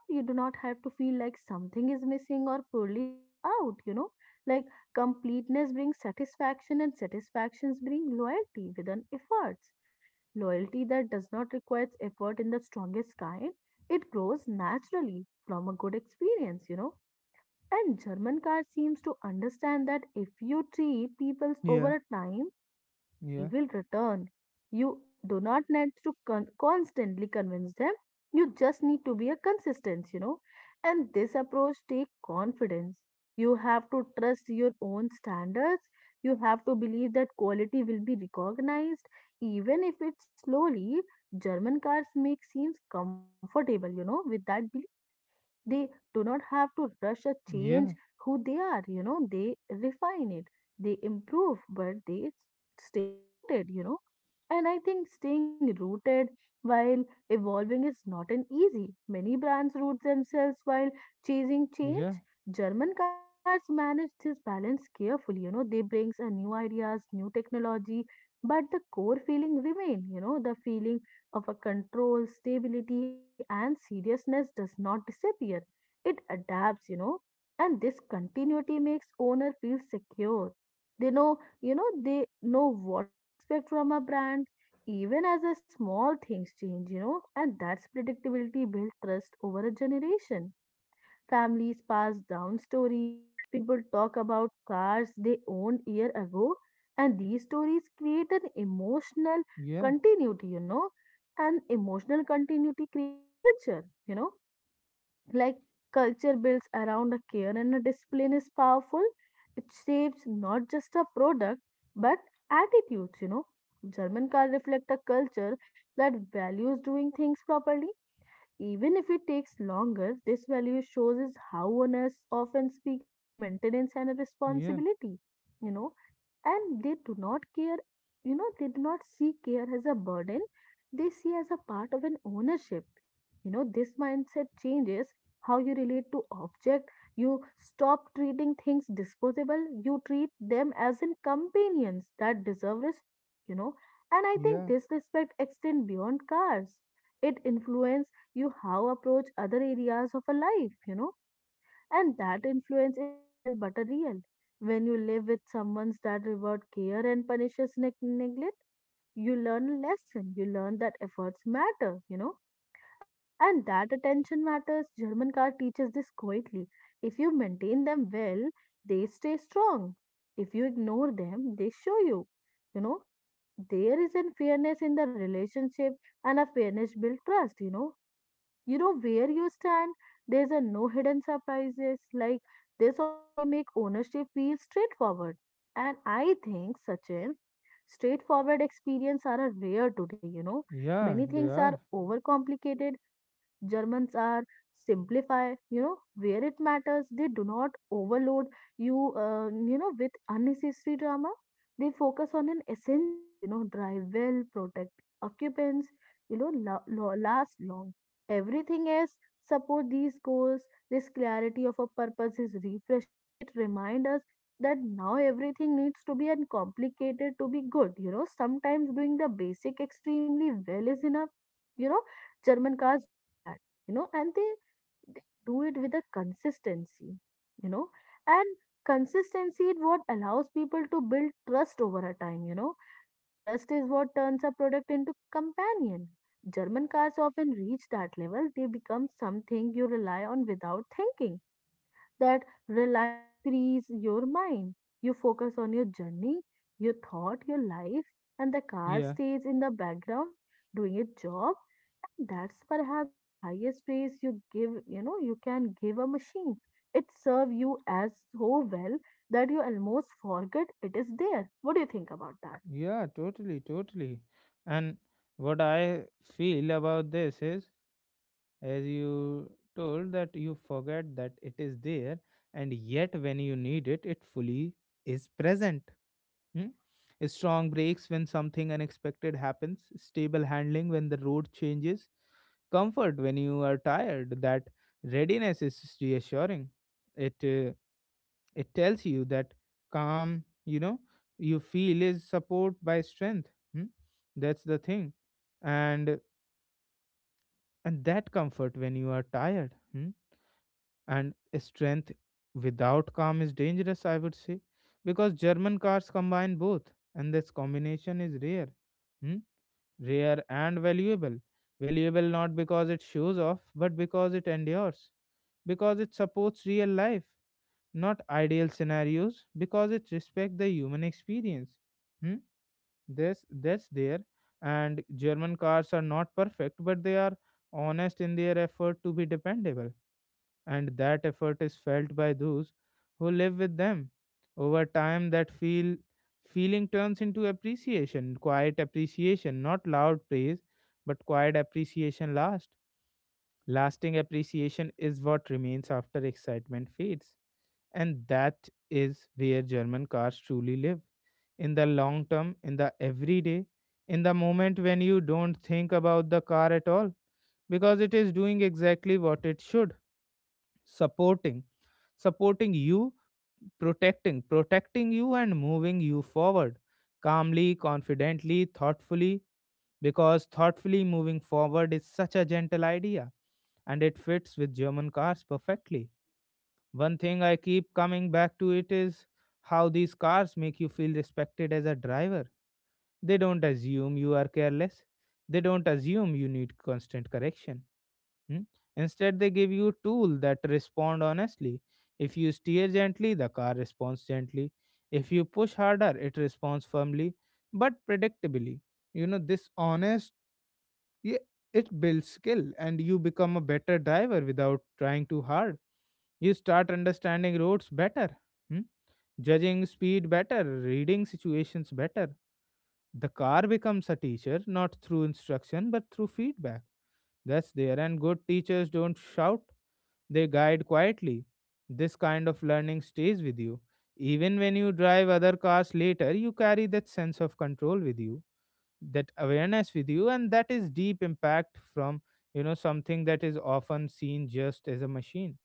you do not have to feel like something is missing or poorly things out. You know, like, completeness brings satisfaction, and satisfactions bring loyalty with an efforts, loyalty that does not require effort in the strongest kind. It grows naturally from a good experience, you know. And German car seems to understand that if you treat people
yeah,
over a time, you know, they
yeah,
will return. You do not need to constantly convince them. You just need to be a consistent, you know. And this approach take confidence. You have to trust your own standards. You have to believe that quality will be recognized, even if it's slowly. German cars make seems comfortable, you know, with that belief. They do not have to rush or change
yeah,
who they are, you know, they refine it, they improve, but they stay rooted, you know. And I think staying rooted while evolving is not an easy. Many brands root themselves while chasing
yeah,
change. German cars manage this balance carefully, you know, they brings a new ideas, new technology, but the core feeling remain, you know, the feeling of a control, stability, and seriousness does not disappear. It adapts, you know, and this continuity makes owner feel secure. They know, you know, they know what to expect from a brand, even as a small things change, you know, and that's predictability built trust over a generation. Families pass down stories, people talk about cars they owned year ago, and these stories create an emotional
yeah,
continuity, you know, and emotional continuity creates culture, you know, like, culture builds around a care and a discipline is powerful. It shapes not just a product but attitudes, you know. German car reflect a culture that values doing things properly even if it takes longer. This value shows is how owners often speak about maintenance and
yeah,
responsibility, you know, and they do not care, you know, they do not see care as a burden, they see as a part of an ownership. You know, this mindset changes how you relate to object. You stop treating things disposable, you treat them as in companions that deserve respect, you know. And I think
yeah,
this respect extends beyond cars. It influences you how approach other areas of a life, you know, and that influence is subtle but a real. When you live with someone that reward care and punishes neglect, you learn a lesson. You learn that efforts matter, you know, and that attention matters. German car teaches this quietly. If you maintain them well, they stay strong. If you ignore them, they show you, you know, there is a fairness in the relationship, and a fairness build trust, you know, you know where you stand. There's a no hidden surprises. Like, this honesty make ownership feel straightforward. And I think, Sachin, straightforward experience are a rare today, you know. Many
yeah, they
things are
are.
overcomplicated. Germans are simplify, you know, where it matters. They do not overload you, you know, with unnecessary drama. They focus on an essentials, you know, drive well, protect occupants, you know, last long. Everything else support these goals. This clarity of a purpose is refreshing. It reminds us that now everything needs to be uncomplicated to be good. You know, sometimes doing the basic extremely well is enough. You know, German cars do that. You know, and they do it with a consistency, you know, and consistency is what allows people to build trust over a time, you know, and trust is what turns a product into companion. German cars often reach that level. They become something you rely on without thinking. That reliance frees your mind. You focus on your journey, your thought, your life, and the car
Yeah,
stays in the background doing its job. And that's perhaps the highest praise you know, you can give a machine. It serves you as so well that you almost forget it is there. What do you think about that?
yeah, totally, totally. And what I feel about this is, as you told, that you forget that it is there, and yet when you need it, it fully is present. Hmm? Strong brakes when something unexpected happens, stable handling when the road changes, comfort when you are tired. That readiness is reassuring. It uh, it tells you that calm, you know, you feel is support by strength. Hmm? That's the thing, and and that comfort when you are tired. Hmm? And strength without calm is dangerous, I would say, because German cars combine both, and this combination is rare. Hmm? Rare and valuable. Valuable not because it shows off but because it endures, because it supports real life, not ideal scenarios, because it respects the human experience. Hmm? This That's there, and German cars are not perfect, but they are honest in their effort to be dependable, and that effort is felt by those who live with them. Over time, that feel feeling turns into appreciation, quiet appreciation, not loud praise, but quiet appreciation last. Lasting appreciation is what remains after excitement fades. And that is where German cars truly live. In the long term, in the everyday, in the moment when you don't think about the car at all, because it is doing exactly what it should, supporting supporting you, protecting you and moving you forward calmly, confidently, thoughtfully, because thoughtfully moving forward is such a gentle idea and it fits with German cars perfectly. One thing I keep coming back to it is how these cars make you feel respected as a driver. They don't assume you are careless. They don't assume you need constant correction. Hmm? Instead, they give you tool that respond honestly. If you steer gently, the car responds gently. If you push harder, it responds firmly but predictably. You know, this honest, yeah, it builds skill and you become a better driver without trying too hard. You start understanding roads better, hmm? Judging speed better, reading situations better. The car becomes a teacher not through instruction but through feedback. That's there, and good teachers don't shout, they guide quietly. This kind of learning stays with you. Even when you drive other cars later, you carry that sense of control with you, that awareness with you, and that is deep impact from, you know, something that is often seen just as a machine.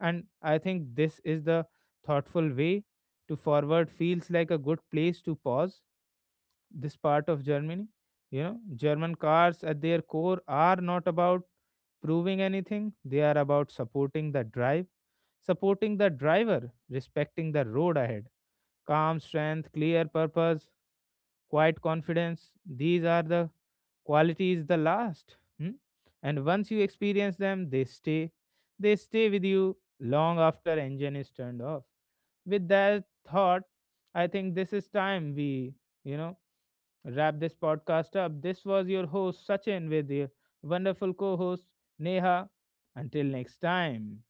And I think this is the thoughtful way to forward feels like a good place to pause this part of Germany. You know, German cars at their core are not about proving anything, they are about supporting the drive, supporting the driver, respecting the road ahead. Calm strength, clear purpose, quiet confidence, these are the qualities the last. Hmm? And once you experience them, they stay. They stay with you long after engine is turned off. With that thought, I think this is time we, you know, wrap this podcast up. This was your host, Sachin, with your wonderful co host, Neha. Until next time.